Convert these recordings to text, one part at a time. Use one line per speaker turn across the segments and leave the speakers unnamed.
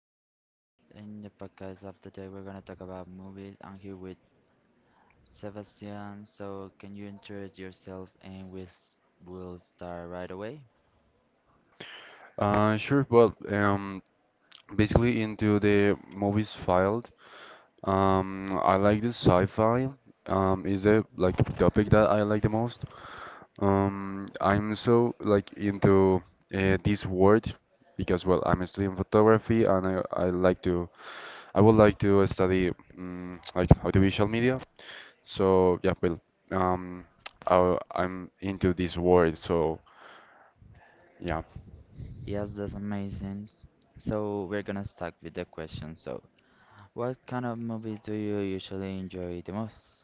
everyone. In the podcast of today, we're gonna talk about movies. I'm here with Sebastian. So can you introduce yourself and will start right away?
Sure. Well, basically into the movies filed. I like the sci-fi. Is the like topic that I like the most. I'm so like into this world because well, I'm studying photography and I would like to study like audiovisual media. So yeah, well, um, I'm into this world. So yeah.
Yes, that's amazing. So we're gonna start with the question. So what kind of movies do you usually enjoy the most?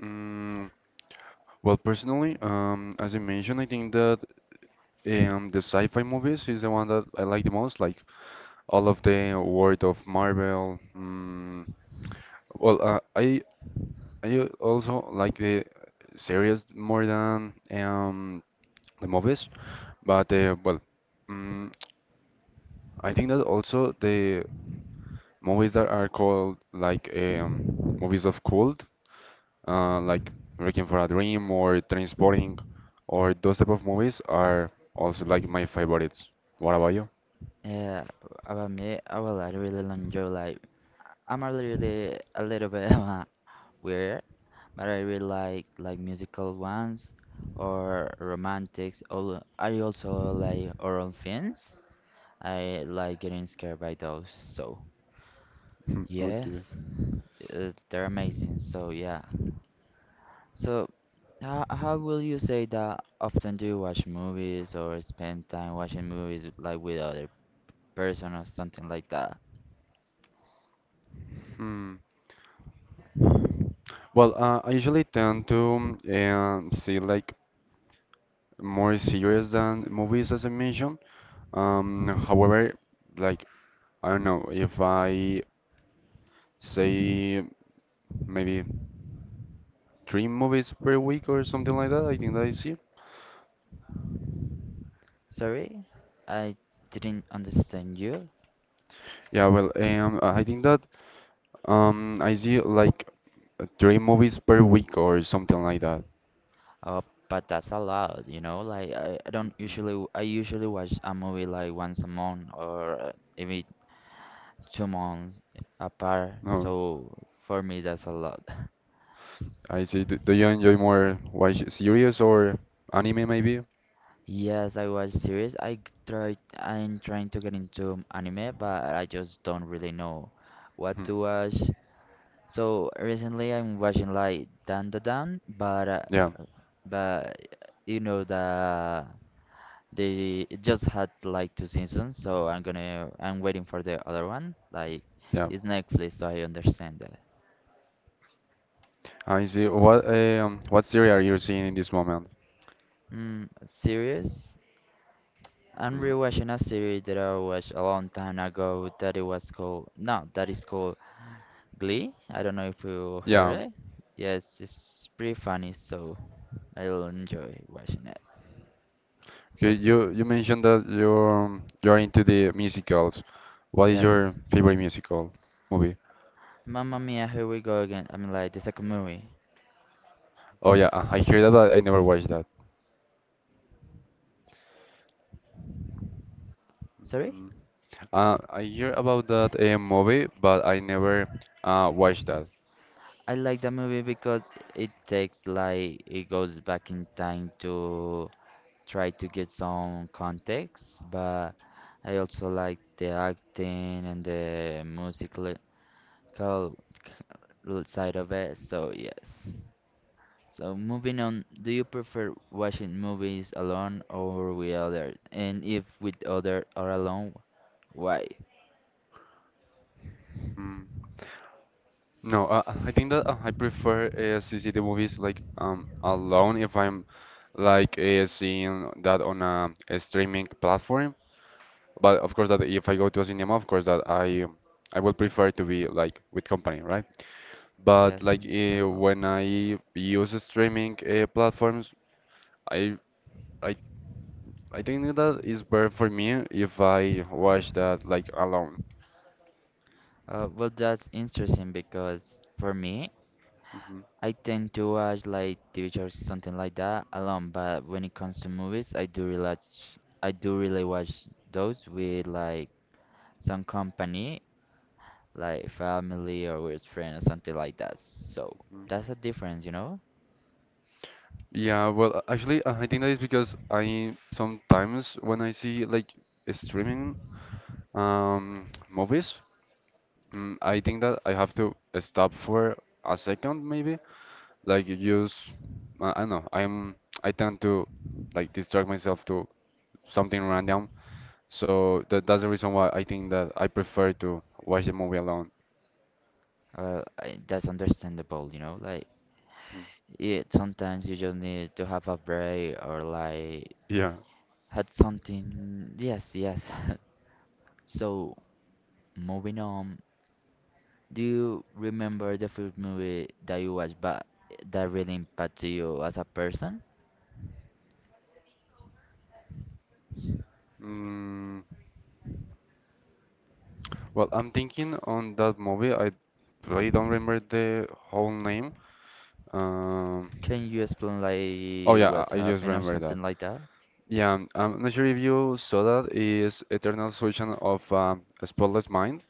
Mm, well, personally, as I mentioned, I think that. The sci-fi movies is the one that I like the most, like all of the world of Marvel. Well, I also like the series more than the movies, but well, mm, I think that also the movies that are called like movies of cult, like Requiem for a Dream or Transporting, or those type of movies are also like my favorites. What about you?
Yeah, about me, I really enjoy like. I'm a little bit weird. But I really like musical ones or romantics. I also like horror films. I like getting scared by those. So
Okay.
yes, they're amazing. So yeah. So how will you say that often do you watch movies or spend time watching movies like with other person or something like that?
Hmm. Well, I usually tend to see like more series than movies, as I mentioned. However, like I don't know if I say maybe three movies per week or something like that. I think that I see.
Sorry, I didn't understand you.
Yeah, well, I think that I see like three movies per week or something like that.
Oh, but that's a lot, Like I don't
Mhm.
usually I usually watch a movie like once a month or maybe 2 months apart.
No,
So for me that's a lot.
I
So-
see. Do you enjoy more watch series or anime maybe?
yes, I watch series. Try I'm trying to get into anime, but I just don't really know what
Hmm.
to watch. So recently I'm watching like Dan Da Dan,
Yeah,
but you know the They it just had like two seasons, so I'm waiting for the other one. Like
yeah.
it's Netflix, so I understand that.
I see. What series are you seeing in this moment?
Mm, series? I'm
Mhm.
rewatching a series that I watched a long time ago that it was called no, that is called Glee. I don't know if you heard
Yeah.
it. Yes, it's pretty funny, so I'll enjoy watching it.
Okay,
So
you mentioned that you're into the musicals. What is
yes.
your favorite musical movie?
Mamma Mia, here we go again. I mean like the second movie.
Oh yeah, I hear that, but I never watched that.
Sorry?
Mhm. I hear about that movie, but I never watched that.
I like that movie because it takes like it goes back in time to try to get some context, but I also like the acting and the musical side of it, so yes. So moving on, do you prefer watching movies alone or with others? And if with other or alone, why?
Hmm. No, I think that I prefer to see the movies like alone if I'm like seeing that on a streaming platform. But of course that if I go to a cinema, of course that I would prefer to be like with company, right? But
Yes,
like
understandable.
when I use streaming platforms, I I I think that is better for me if I watch that like alone.
That's interesting because for me,
Mhm.
I tend to watch like TV shows, something like that, alone. But when it comes to movies, I do really watch those with like some company, like family or with friends or something like that. So
Mm.
that's a difference,
Yeah, well, actually, I think that is because I sometimes when I see like streaming movies, I think that I have to stop for a second maybe. Like you just, I don't know. I tend to like distract myself to something random. So that's the reason why I think that I prefer to watch the movie alone.
I, that's understandable, Like
Mm.
it, sometimes you just need to have a break or like
Yeah.
had something. Yes, yes. So moving on. Do you remember the first movie that you watched but that really impacted you as a person?
Mm, well, I'm thinking on that movie. I really don't remember the whole name. Um,
Can you explain
oh
like
yeah,
what's
I just
happened or
remember
something
that.
like that?
Yeah, I'm not sure if you saw that. Is Eternal Sunshine of a Spotless Mind?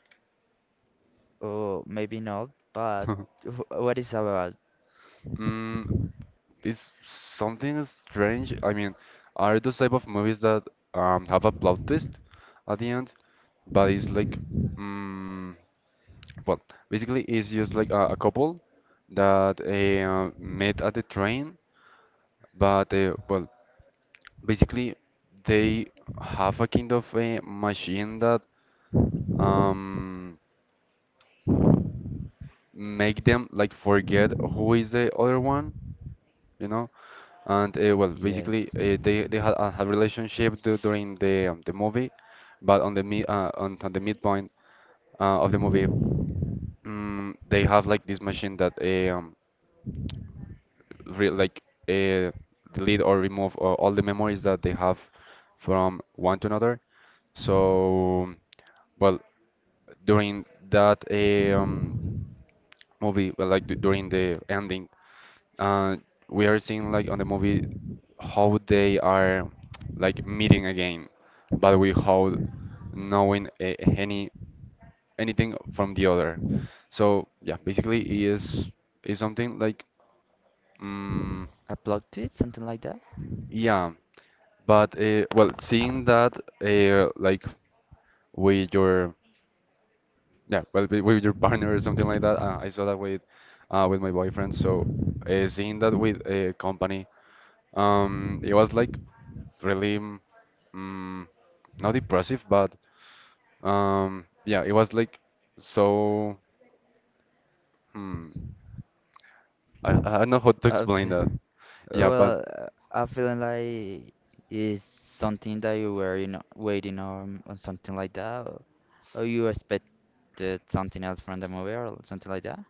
Or maybe not, but what is about?
Mm, It's something strange. I mean, are those type of movies that have a plot twist at the end, but it's like, mm well, basically it's just like a couple that met at the train, but well, basically they have a kind of a machine that um, make them like forget who is the other one, you know? And well,
Yes.
basically, they had relationship during the movie, but on the midpoint of the movie, they have like this machine that re like uh, delete or remove all the memories that they have from one to another. So well, during that movie, well, like d during the ending, uh, we are seeing like on the movie how they are like meeting again but with how knowing a, any anything from the other. So yeah, basically it is something like mm,
A plot twist, something like that?
yeah, but well, seeing that like with your yeah, well with your partner or something like that, I saw that with my boyfriend. So seeing that with a company, it was like really mm, not impressive, but yeah, it was like so hmm, I don't know how to
I
explain
fe-
that. Yeah, but
well, I feeling like it's something that you were, waiting on or something like that, or you expected something else from the movie or something like that.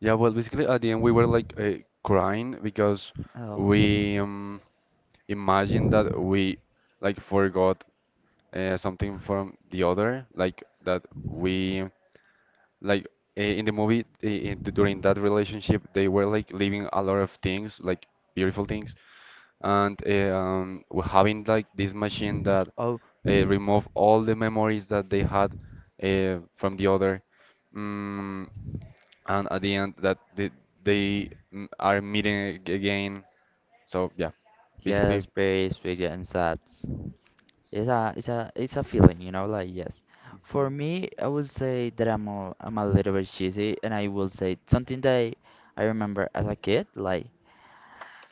Yeah, well, basically at the end we were like crying because
Oh,
we imagined that we like forgot something from the other, like that we like in the movie during that relationship they were like leaving a lot of things, like beautiful things, and we're having like this machine that
oh,
remove all the memories that they had from the other. Mm, and at the end that they are meeting again. So yeah, basically.
yes, very sweet yeah, and sad. It's a feeling, like yes.
Mhm.
For me, I would say that I'm a little bit cheesy, and I will say something that I remember as a kid. Like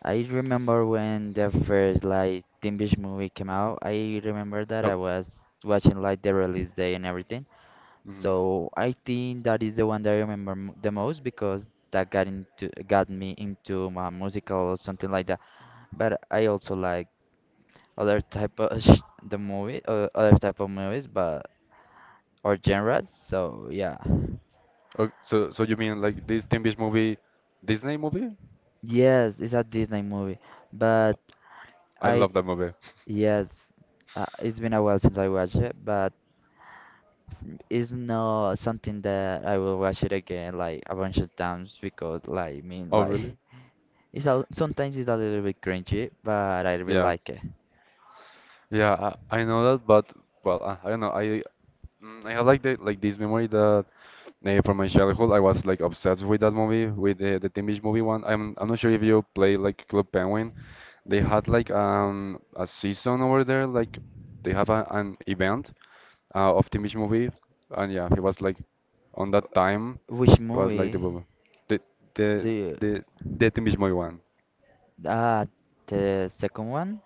I remember when the first like Teen Beach movie came out. I remember that
Oh,
I was watching like the release day and everything.
mhm.
So I think that is the one that I remember m the most because that got me into my musical or something like that. But I also like other type of other type of movies, but or genres. So yeah,
Oh, so you mean like this Teen Beach movie, Disney movie?
yes, it's a Disney movie, but
I
I
love that movie.
yes, it's been a while since I watched it, but it's not something that I will watch it again like a bunch of times because like I mean
Oh
like
really?
it's a sometimes it's a little bit cringy, but I really
Yeah,
like it.
yeah. I know that, but well, I don't know. I have like the like this memory that from my childhood I was like obsessed with that movie, with the Teen Beach movie one. I'm not sure if you play like Club Penguin. They had like a season over there, like they have an event of the Mitch movie, and yeah, he was like on that time
Which
it was like
movie
the
do
the
you?
the the Timish movie one,
Ah, the second one.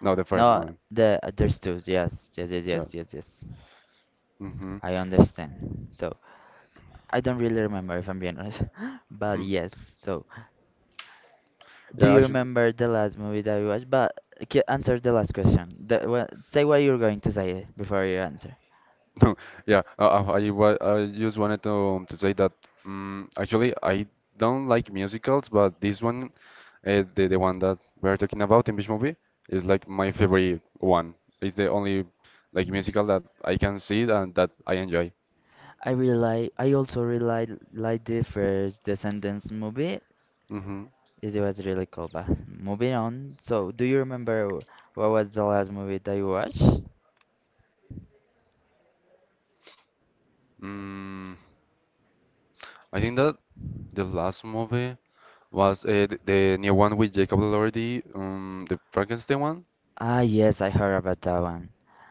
no, the first
No,
one,
the understood. Yes, yes, yes,
yeah.
yes, yes, yes.
Mm-hmm.
I understand. So I don't really remember if I'm being honest, but
Mhm.
yes. So do
Yeah,
you
actually,
remember the last movie that you watched? But answer the last question. The, well, say what you're going to say before you answer.
no, yeah. I just wanted to say that actually I don't like musicals, but this one, the one that we're talking about in this movie, is like my favorite one. It's the only like musical that I can see and that I enjoy.
I really like. I also really like the first Descendants movie.
Mm-hmm.
It was really cool. But moving on. So do you remember what was the last movie that you watched?
Mm, I think that the last movie was the new one with Jacob Elordi, the Frankenstein one.
Ah, yes, I heard about that one.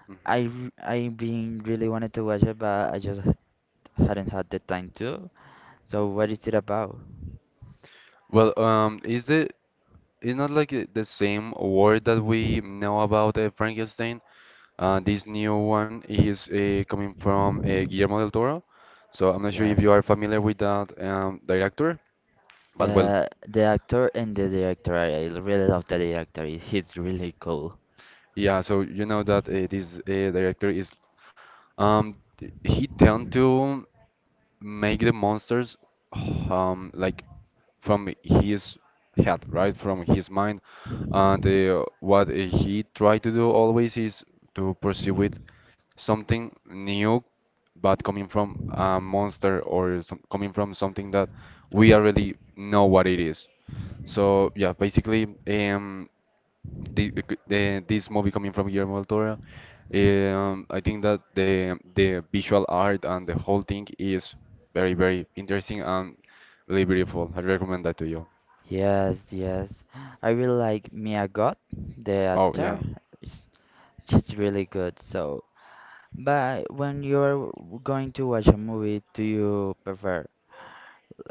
Hmm.
I been really wanted to watch it, but I just hadn't had the time to. So what
Hmm.
is it about?
Well, is the it's not like the same word that we know about Frankenstein. This new one is coming from Guillermo del Toro, so I'm not sure if you
Yes.
are familiar with that director. But well,
The actor and the director. I really love the director. He's really cool.
yeah, so you know that this director is um, he tend to make the monsters like from his head, right? From his mind. And what he tried to do always is to pursue with something new, but coming from a monster or coming from something that we already know what it is. So yeah, basically, the, this movie coming from Guillermo del Toro, I think that the visual art and the whole thing is very very interesting and really beautiful. I recommend that to you.
Yes, yes. I really like Mia Goth, the
Oh
actor.
yeah,
She's she's really good. So, but when you're going to watch a movie, do you prefer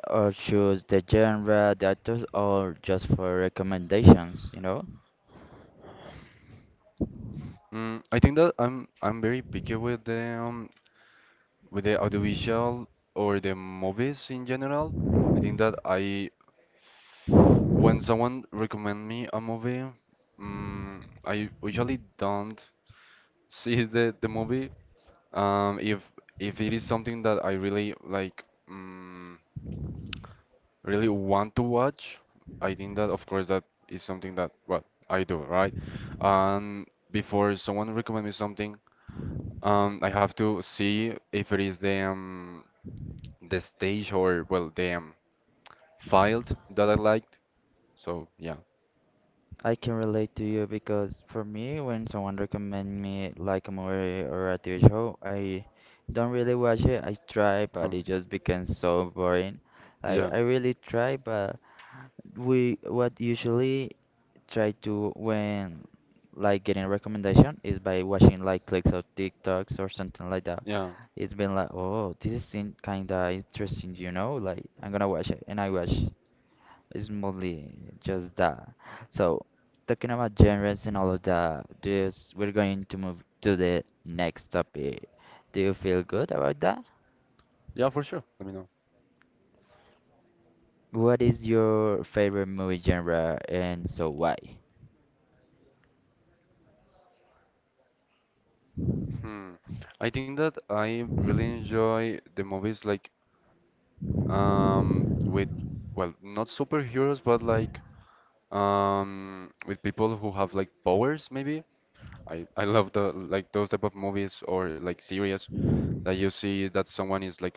or choose the genre, the actors, or just for recommendations,
I think that I'm very picky with the audiovisual or the movies in general. I think that I when someone recommend me a movie, I usually don't see the movie. Um, if if it is something that I really like, really want to watch, I think that of course that is something that well I do, right? And before someone recommend me something. I have to see if it is the stage or well the file that I liked. So yeah,
I can relate to you because for me, when someone recommend me like a movie or a TV show, I don't really watch it. I try,
Uh-huh.
but it just becomes so boring.
Yeah,
I really try, but we what usually try to when like getting recommendation is by watching like clips of TikToks or something like that.
yeah,
It's been like, oh, this is kind of interesting, Like I'm gonna watch it, and I watch. It's mostly just that. So, talking about genres and all of that, this we're going to move to the next topic. Do you feel good about that?
yeah, for sure. Let me know.
What is your favorite movie genre and so why?
Hmm. I think that I really enjoy the movies like with well not superheroes but like with people who have like powers maybe. I love the like those type of movies or like series that you see that someone is like.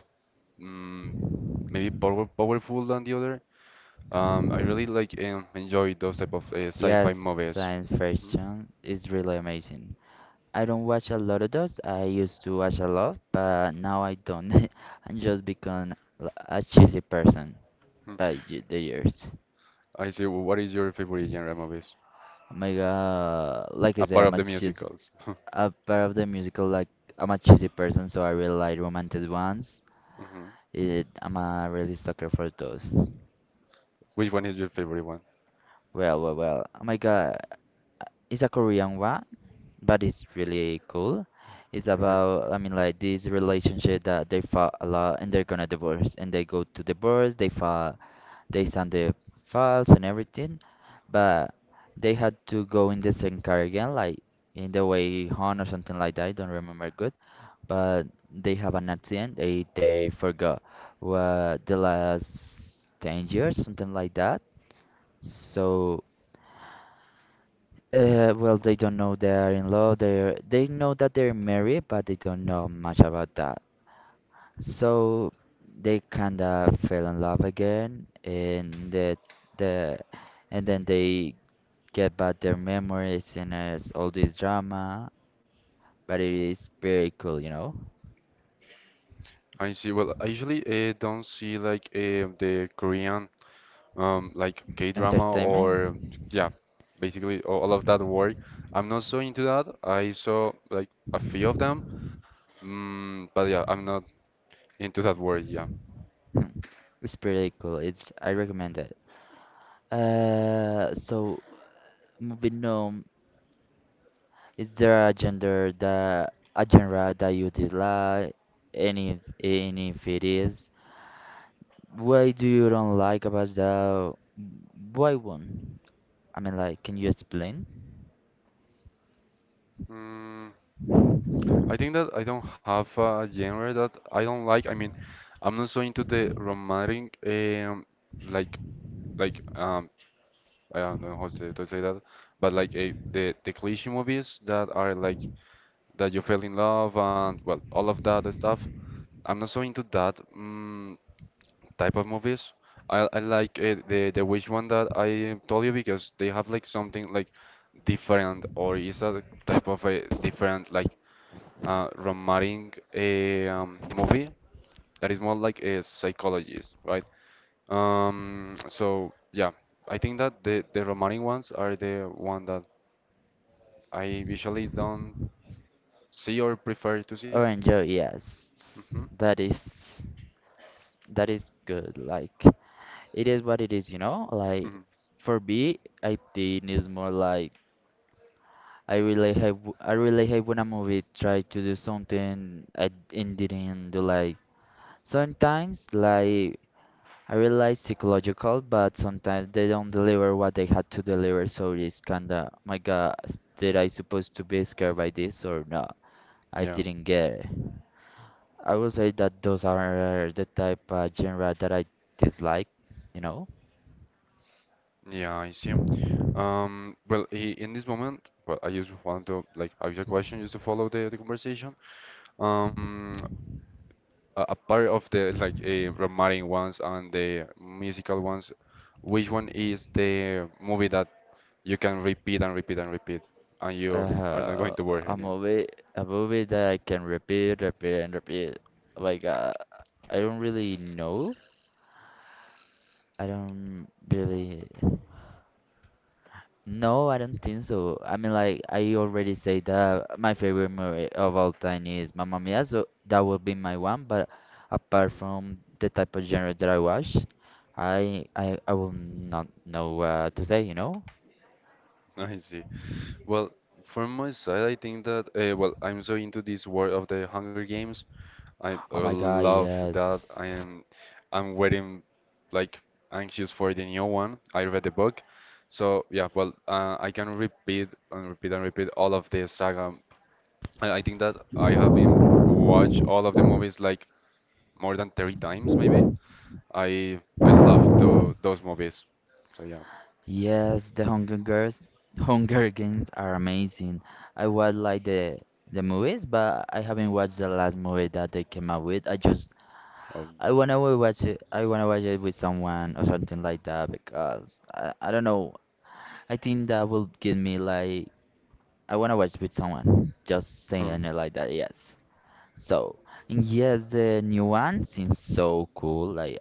mm Maybe powerful than the other. I really enjoy those type of sci-fi
Yes,
movies.
science
Mhm.
fiction is really amazing. I don't watch a lot of those. I used to watch a lot, but now I don't. I'm just become a cheesy person
Hmm.
by the years.
I see. What is your favorite genre movies
Oh my god, like I said,
apart
I'm
of
a
the
cheesy
musicals?
a part of the musical like I'm a cheesy person, so I really like romantic ones.
Mhm.
It, I'm a really sucker for those.
Which one is your favorite one?
Well, well, well. Oh my God, it's a Korean one, but it's really cool. It's
Okay.
about I mean like this relationship that they fought a lot and they're gonna divorce and they go to divorce. They fall They sent the files and everything, but they had to go in the same car again, like in the way home or something like that. I don't remember good, but they have an accident. They forgot what the last 10 years, something like that. So, well, they don't know they are in love. They know that they're married, but they don't know much about that. So they kind of fell in love again, and the and then they get back their memories and it's all this drama. But it is pretty cool,
I see. Well, I usually don't see like the Korean like K-drama
Entertainment
or yeah, basically all of that work. I'm not so into that. I saw like a few of them. But yeah, I'm not into that world, yeah.
is pretty cool. It's I recommend it. So moving on, is there a gender that a genre that you dislike? Any if it is, why do you don't like about the why one? I mean, like, can you explain?
Mm, I think that I don't have a genre that I don't like. I mean, I'm not so into the romantic, like, like, um, I don't know how to, to say that, but like the cliche movies that are like that you fell in love and well, all of that stuff. I'm not so into that type of movies. I like the which one that I told you because they have like something like different or is a type of a different like romantic a movie that is more like a psychologist, right? So yeah, I think that the romantic ones are the one that I usually don't see or prefer to see.
Oh, enjoy, yes. That is that is good. Like, it is what it is, Like,
Hmm.
for me, I think it's more like I really hate I really hate when a movie try to do something I and didn't do. Like, sometimes, like, I realize psychological, but sometimes they don't deliver what they had to deliver. So it's kinda, "Oh my God, did I supposed to be scared by this or not? I
Yeah,
didn't get it. I would say that those are the type of genre that I dislike, you know.
yeah, I see. Well, in this moment, well, I just want to like ask a question just to follow the conversation. Um, apart of the like romantic ones and the musical ones, which one is the movie that you can repeat and repeat and repeat, and you are not
Uh,
going to worry
a
anymore?
movie, a movie that I can repeat, repeat, and repeat. Like, I don't really know. I don't really. No, I don't think so. I mean, like, I already say that my favorite movie of all time is Mamma Mia, so that would be my one. But apart
Hmm.
from the type of genre that I watch, I will not know what to say,
I see. Well, from my side, I think that well, I'm so into this world of the Hunger Games. I
Oh my god,
love that.
yes.
I'm waiting, like anxious for the new one. I read the book. So yeah, well, I can repeat and repeat and repeat all of the saga. I think that I have been watched all of the movies like more than 30 times maybe. I love those movies. So yeah.
Yes, the Hunger Girls, Hunger Games are amazing. I was like the movies, but I haven't watched the last movie that they came out with. I just
Um,
I wanna watch it. I wanna watch it with someone or something like that because I don't know. I think that will give me like I wanna watch with someone. Just saying it like that, yes. So and yes, the new one seems so cool. Like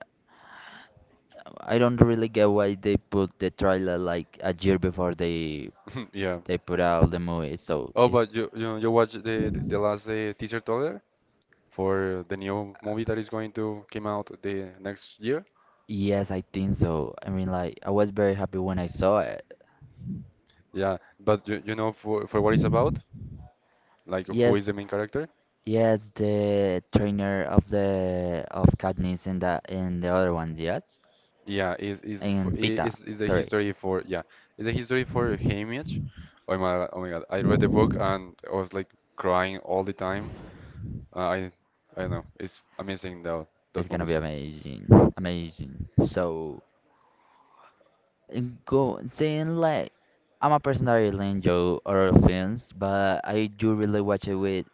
I don't really get why they put the trailer like a year before
yeah.
they put out the movie. So
Oh,
it's
but you watch the last teaser trailer for the new movie that is going to came out the next year?
yes, I think so. I mean, like I was very happy when I saw it.
Yeah. But you know for what it's about? Like who is
Yes,
the main character?
yes, the trainer of the of Katniss in that in the other ones, yes,
Yeah, is is for-
and
i-
Pita.
is is a
Sorry,
history for yeah, it's a history for Haymitch. Oh my God, I read the book and I was like crying all the time. Uh, I I don't know, it's amazing though those
it's gonna be
movies.
amazing, amazing. So and go saying like. I'm a person that really enjoy horror films, but I do really watch it with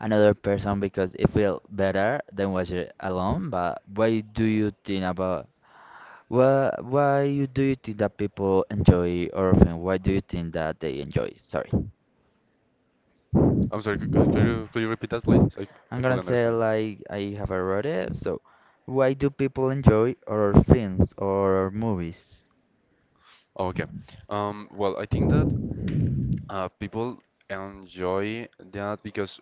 another person because it feels better than watch it alone. But why do you think about why you do you think that people enjoy orphan? Why do you think that they enjoy? Sorry,
I'm sorry, could you repeat that please? I
I'm
couldn't
gonna say
understand.
like I have already wrote it. So, why do people enjoy horror films or movies?
Oh, okay. Well, I think that people enjoy that because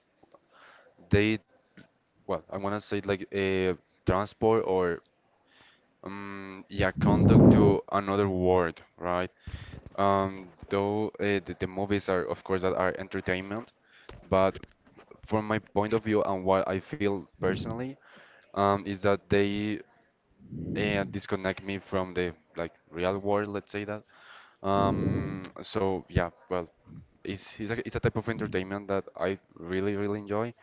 they, well, I wanna say it like a transport or yeah, conduct to another world, right? Though the movies are, of course, that are entertainment, but from my point of view and what I feel personally, is that they disconnect me from the like real world, let's say that. So yeah, well, it's a type of entertainment that I really really enjoy.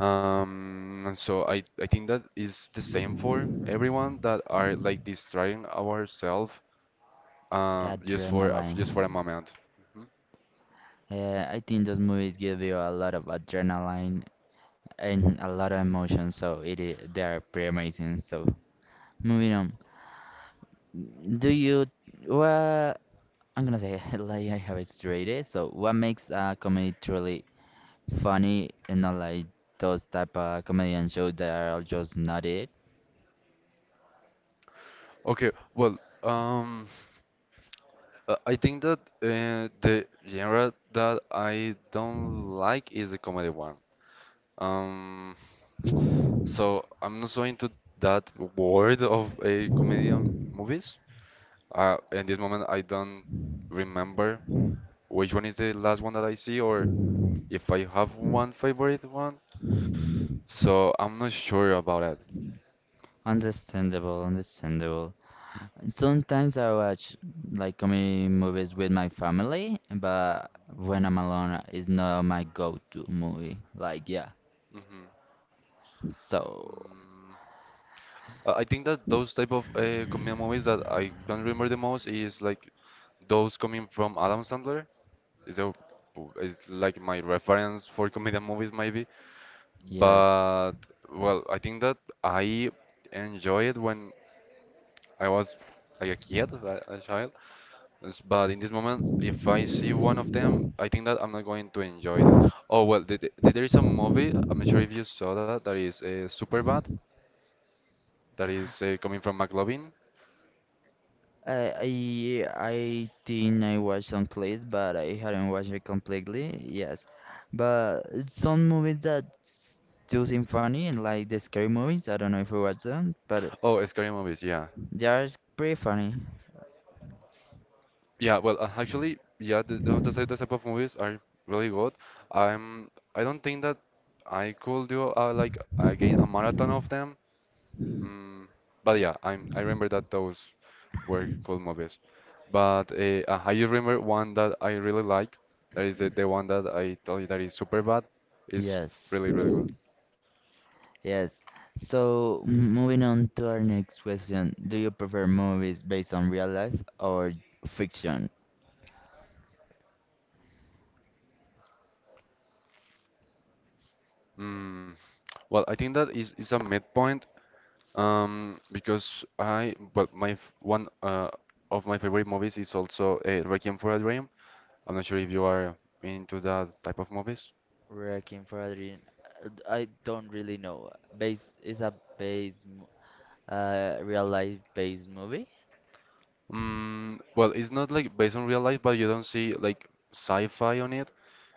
And so I think that is the same for everyone that are like distracting ourselves,
The
just for a
adrenaline.
moment. Mm-hmm.
I think those movies give you a lot of adrenaline and a lot of emotion, so it is, they are pretty amazing. So moving on, do you what I'm gonna say like I have stated. So what makes a comedy truly funny and not like those type of comedian shows that are just not it?
Okay, well, um, I think that the genre that I don't like is the comedy one. Um, so I'm not so into that world of a comedian movies. In this moment, I don't remember which one is the last one that I see or if I have one favorite one. So I'm not sure about it.
Understandable, understandable. Sometimes I watch like comedy movies with my family, but when I'm alone, it's not my go-to movie. Like, yeah.
Mhm.
So
Mm. I think that those type of comedy movies that I can remember the most is like those coming from Adam Sandler is a is like my reference for comedian movies maybe.
yes.
But well, I think that I enjoy it when I was like a kid, a child. But in this moment, if I see one of them, I think that I'm not going to enjoy that. Oh well, there is a movie. I'm not sure if you saw that. That is Superbad. That is coming from McLovin.
I think I watched some clips, but I have not watched it completely. Yes, but some movies that do seem funny and like the scary movies. I don't know if you watch them, but
Oh, scary movies. Yeah.
they are pretty funny.
Yeah, well, actually, yeah, the type of movies are really good. I don't think that I could do like again a marathon of them. Mm, but yeah, I remember that those were cool movies. But I just remember one that I really like. That is the one that I told you that is super bad. It's
Yes,
really, really good.
yes. So moving on to our next question: do you prefer movies based on real life or fiction?
Mm, well, I think that is a midpoint. Because I, well, one of my favorite movies is also Requiem for a Dream. I'm not sure if you are into that type of movies.
Wrecking for a Dream. I don't really know. Base is a base, mo- Real life based movie.
Mm, well, it's not like based on real life, but you don't see like sci-fi on it.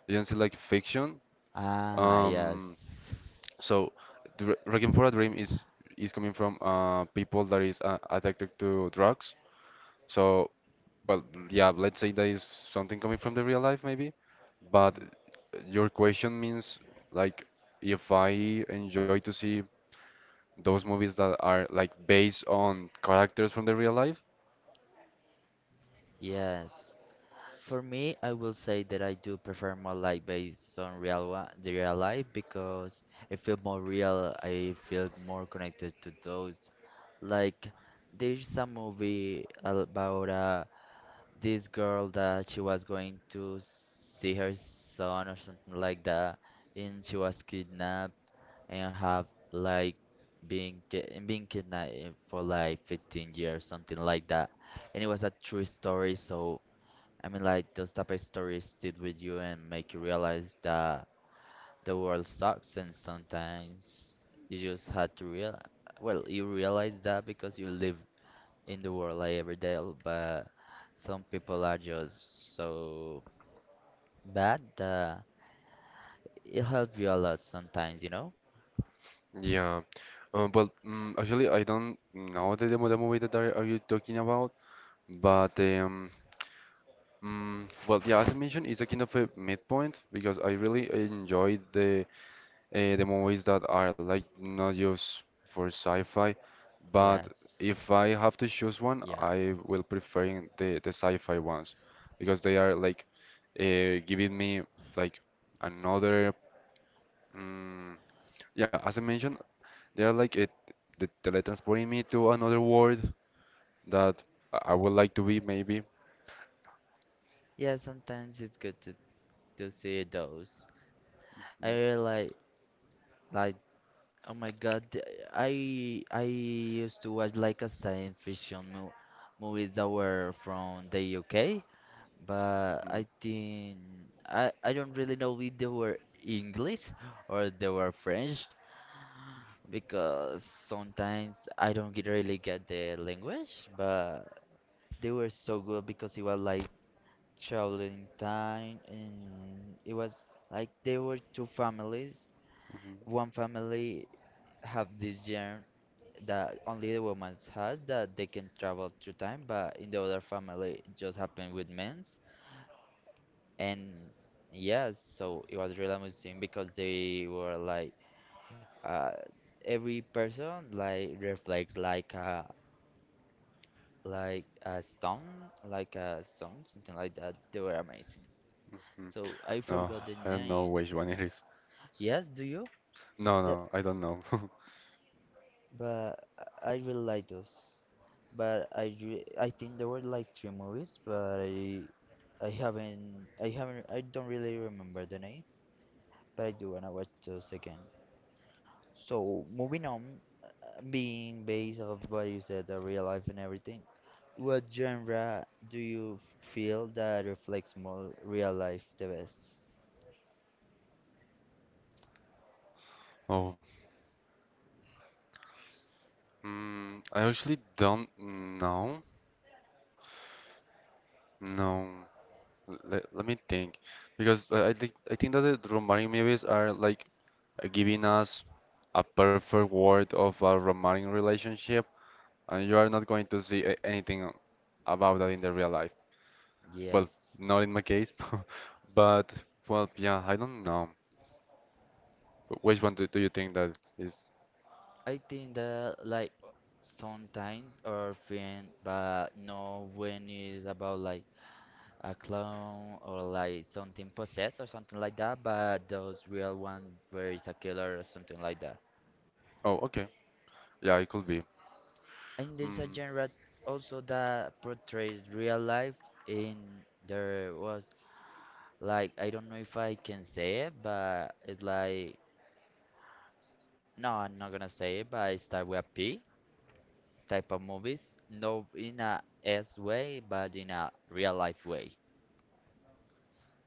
You don't see like fiction.
Ah,
Um,
yes.
so the Requiem for a Dream is coming from people that is addicted to drugs. So, well, yeah, let's say that is something coming from the real life, maybe. But your question means like if I enjoy to see those movies that are like based on characters from the real life?
Yes. For me, I will say that I do prefer more life based on the real life because I feel more real. I feel more connected to those. Like, there's a movie about this girl that she was going to see her son or something like that, and she was kidnapped and have like been ki- and been kidnapped for like 15 years, something like that. And it was a true story, so I mean, like those type of stories stick with you and make you realize that the world sucks, and sometimes you just had to realize. Well, you realize that because you live in the world like every day, but some people are just so bad that it helps you a lot sometimes, you know?
Yeah. Actually, I don't know the movie that are you talking about, but well, yeah, as I mentioned, it's a kind of a midpoint because I really enjoyed the movies that are like not just for sci-fi, but
Yes.
if I have to choose one,
Yeah.
I will prefer the sci-fi ones because they are like giving me like another mm yeah, as I mentioned, they are like it the teletransporting me to another world that I would like to be maybe.
Yeah, sometimes it's good to see those. I
Mm,
really like, oh my god, I used to watch like a science fiction mo movies that were from the UK, but
mhm,
I think I don't really know if they were English or they were French because sometimes I don't really get the language, but they were so good because it was like traveling time and it was like there were two families,
mhm,
one family have this germ that only the woman has that they can travel through time but in the other family it just happened with men's, and yes, so it was really amazing because they were like uh every person like reflects like a like a stone something like that, they were amazing.
mhm.
So I
No,
forgot the
I don't know
name.
which one it is.
Yes, do you?
No,
There,
no, I don't know.
but I really like those. But I think there were like three movies, but I don't really remember the name, but I do wanna watch those again. So moving on, being based off what you said, the real life and everything, what genre do you feel that reflects more real life the best?
Oh. Mm, I actually don't know. No, let me think, because I think that the romantic movies are like giving us a perfect world of a romantic relationship, and you are not going to see anything about that in the real life. Well,
Yes.
not in my case, but well, yeah, I don't know. Which one do you think that is?
I think that like sometimes our friend, but no when it's about like a clone or like something possessed or something like that, but those real ones where it's a killer or something like that.
Oh, okay, yeah, it could be.
And there's a
Mm,
genre also that portrays real life in there was like, I don't know if I can say it, but it's like, no, I'm not gonna say it, but it start with a P. Type of movies, not in a S way, but in a real life way.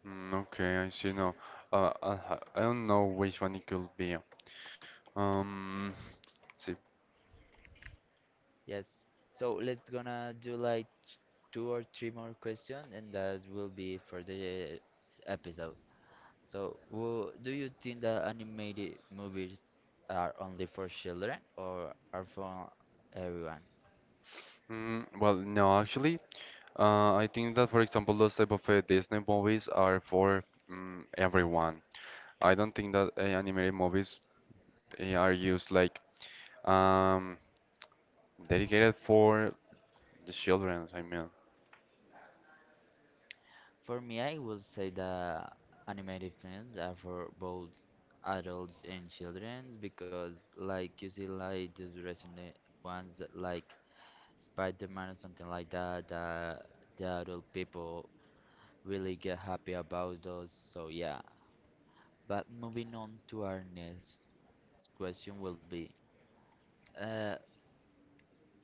mm, okay, I see. No, uh, uh, I don't know which one it could be. Um, let's see.
Yes. So let's gonna do like two or three more questions, and that will be it for the episode. So, do you think that animated movies are only for children or are for everyone?
Mm, well, no, actually, I think that, for example, those type of Disney movies are for everyone. I don't think that animated movies are used like um, dedicated for the children. I mean,
For me, I would say that animated films are for both adults and children because, like, you see, like, these recent ones that, like, Spider-Man or something like that, that the adult people really get happy about those. So yeah. But moving on to our next question will be uh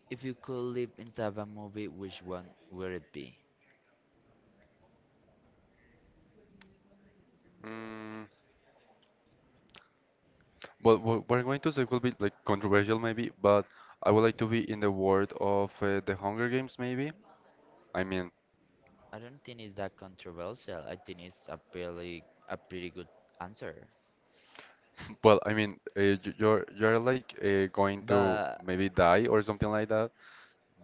if you could live inside a movie, which one would it be?
mm, well, what we're going to say will be like controversial maybe, but I would like to be in the world of the Hunger Games maybe. I mean,
I don't think it's that controversial. I think it's a pretty good answer.
well, I mean, you're like going to
But
maybe die or something like that.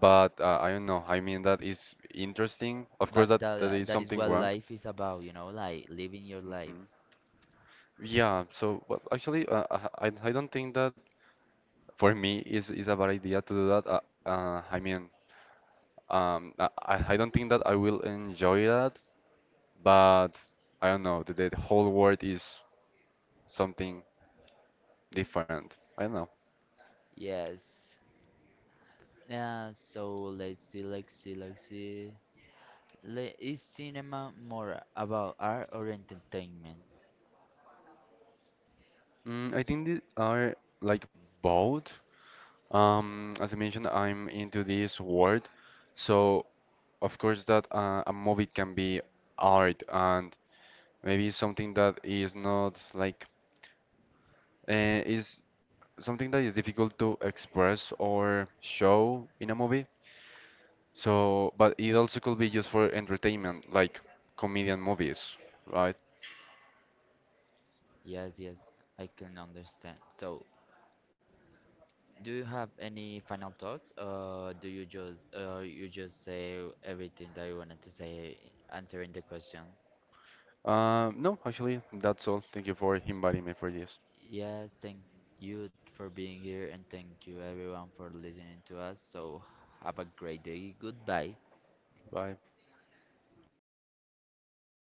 But I don't know. I mean, that is interesting. Of course,
but
that, that
that
is
that is
something
what
wrong.
life is about, you know, like living your life.
Hmm. Yeah. So, well, actually, I don't think that for me is a bad idea to do that. I mean, I I don't think that I will enjoy that. But I don't know. The whole world is something different. I don't know.
Yes. Yeah, so let's see, let's see, let's see. Is cinema more about art or entertainment?
Mm, I think these are like both. As I mentioned, I'm into this world. So of course that a movie can be art and maybe something that is not like is something that is difficult to express or show in a movie. So, but it also could be just for entertainment, like comedian movies, right?
Yes, yes, I can understand. So, do you have any final thoughts, or do you just say everything that you wanted to say, answering the question?
No, actually, that's all. Thank you for inviting me for this.
Yes, thank you for being here, and thank you everyone for listening to us. So, have a great day. Goodbye.
Bye.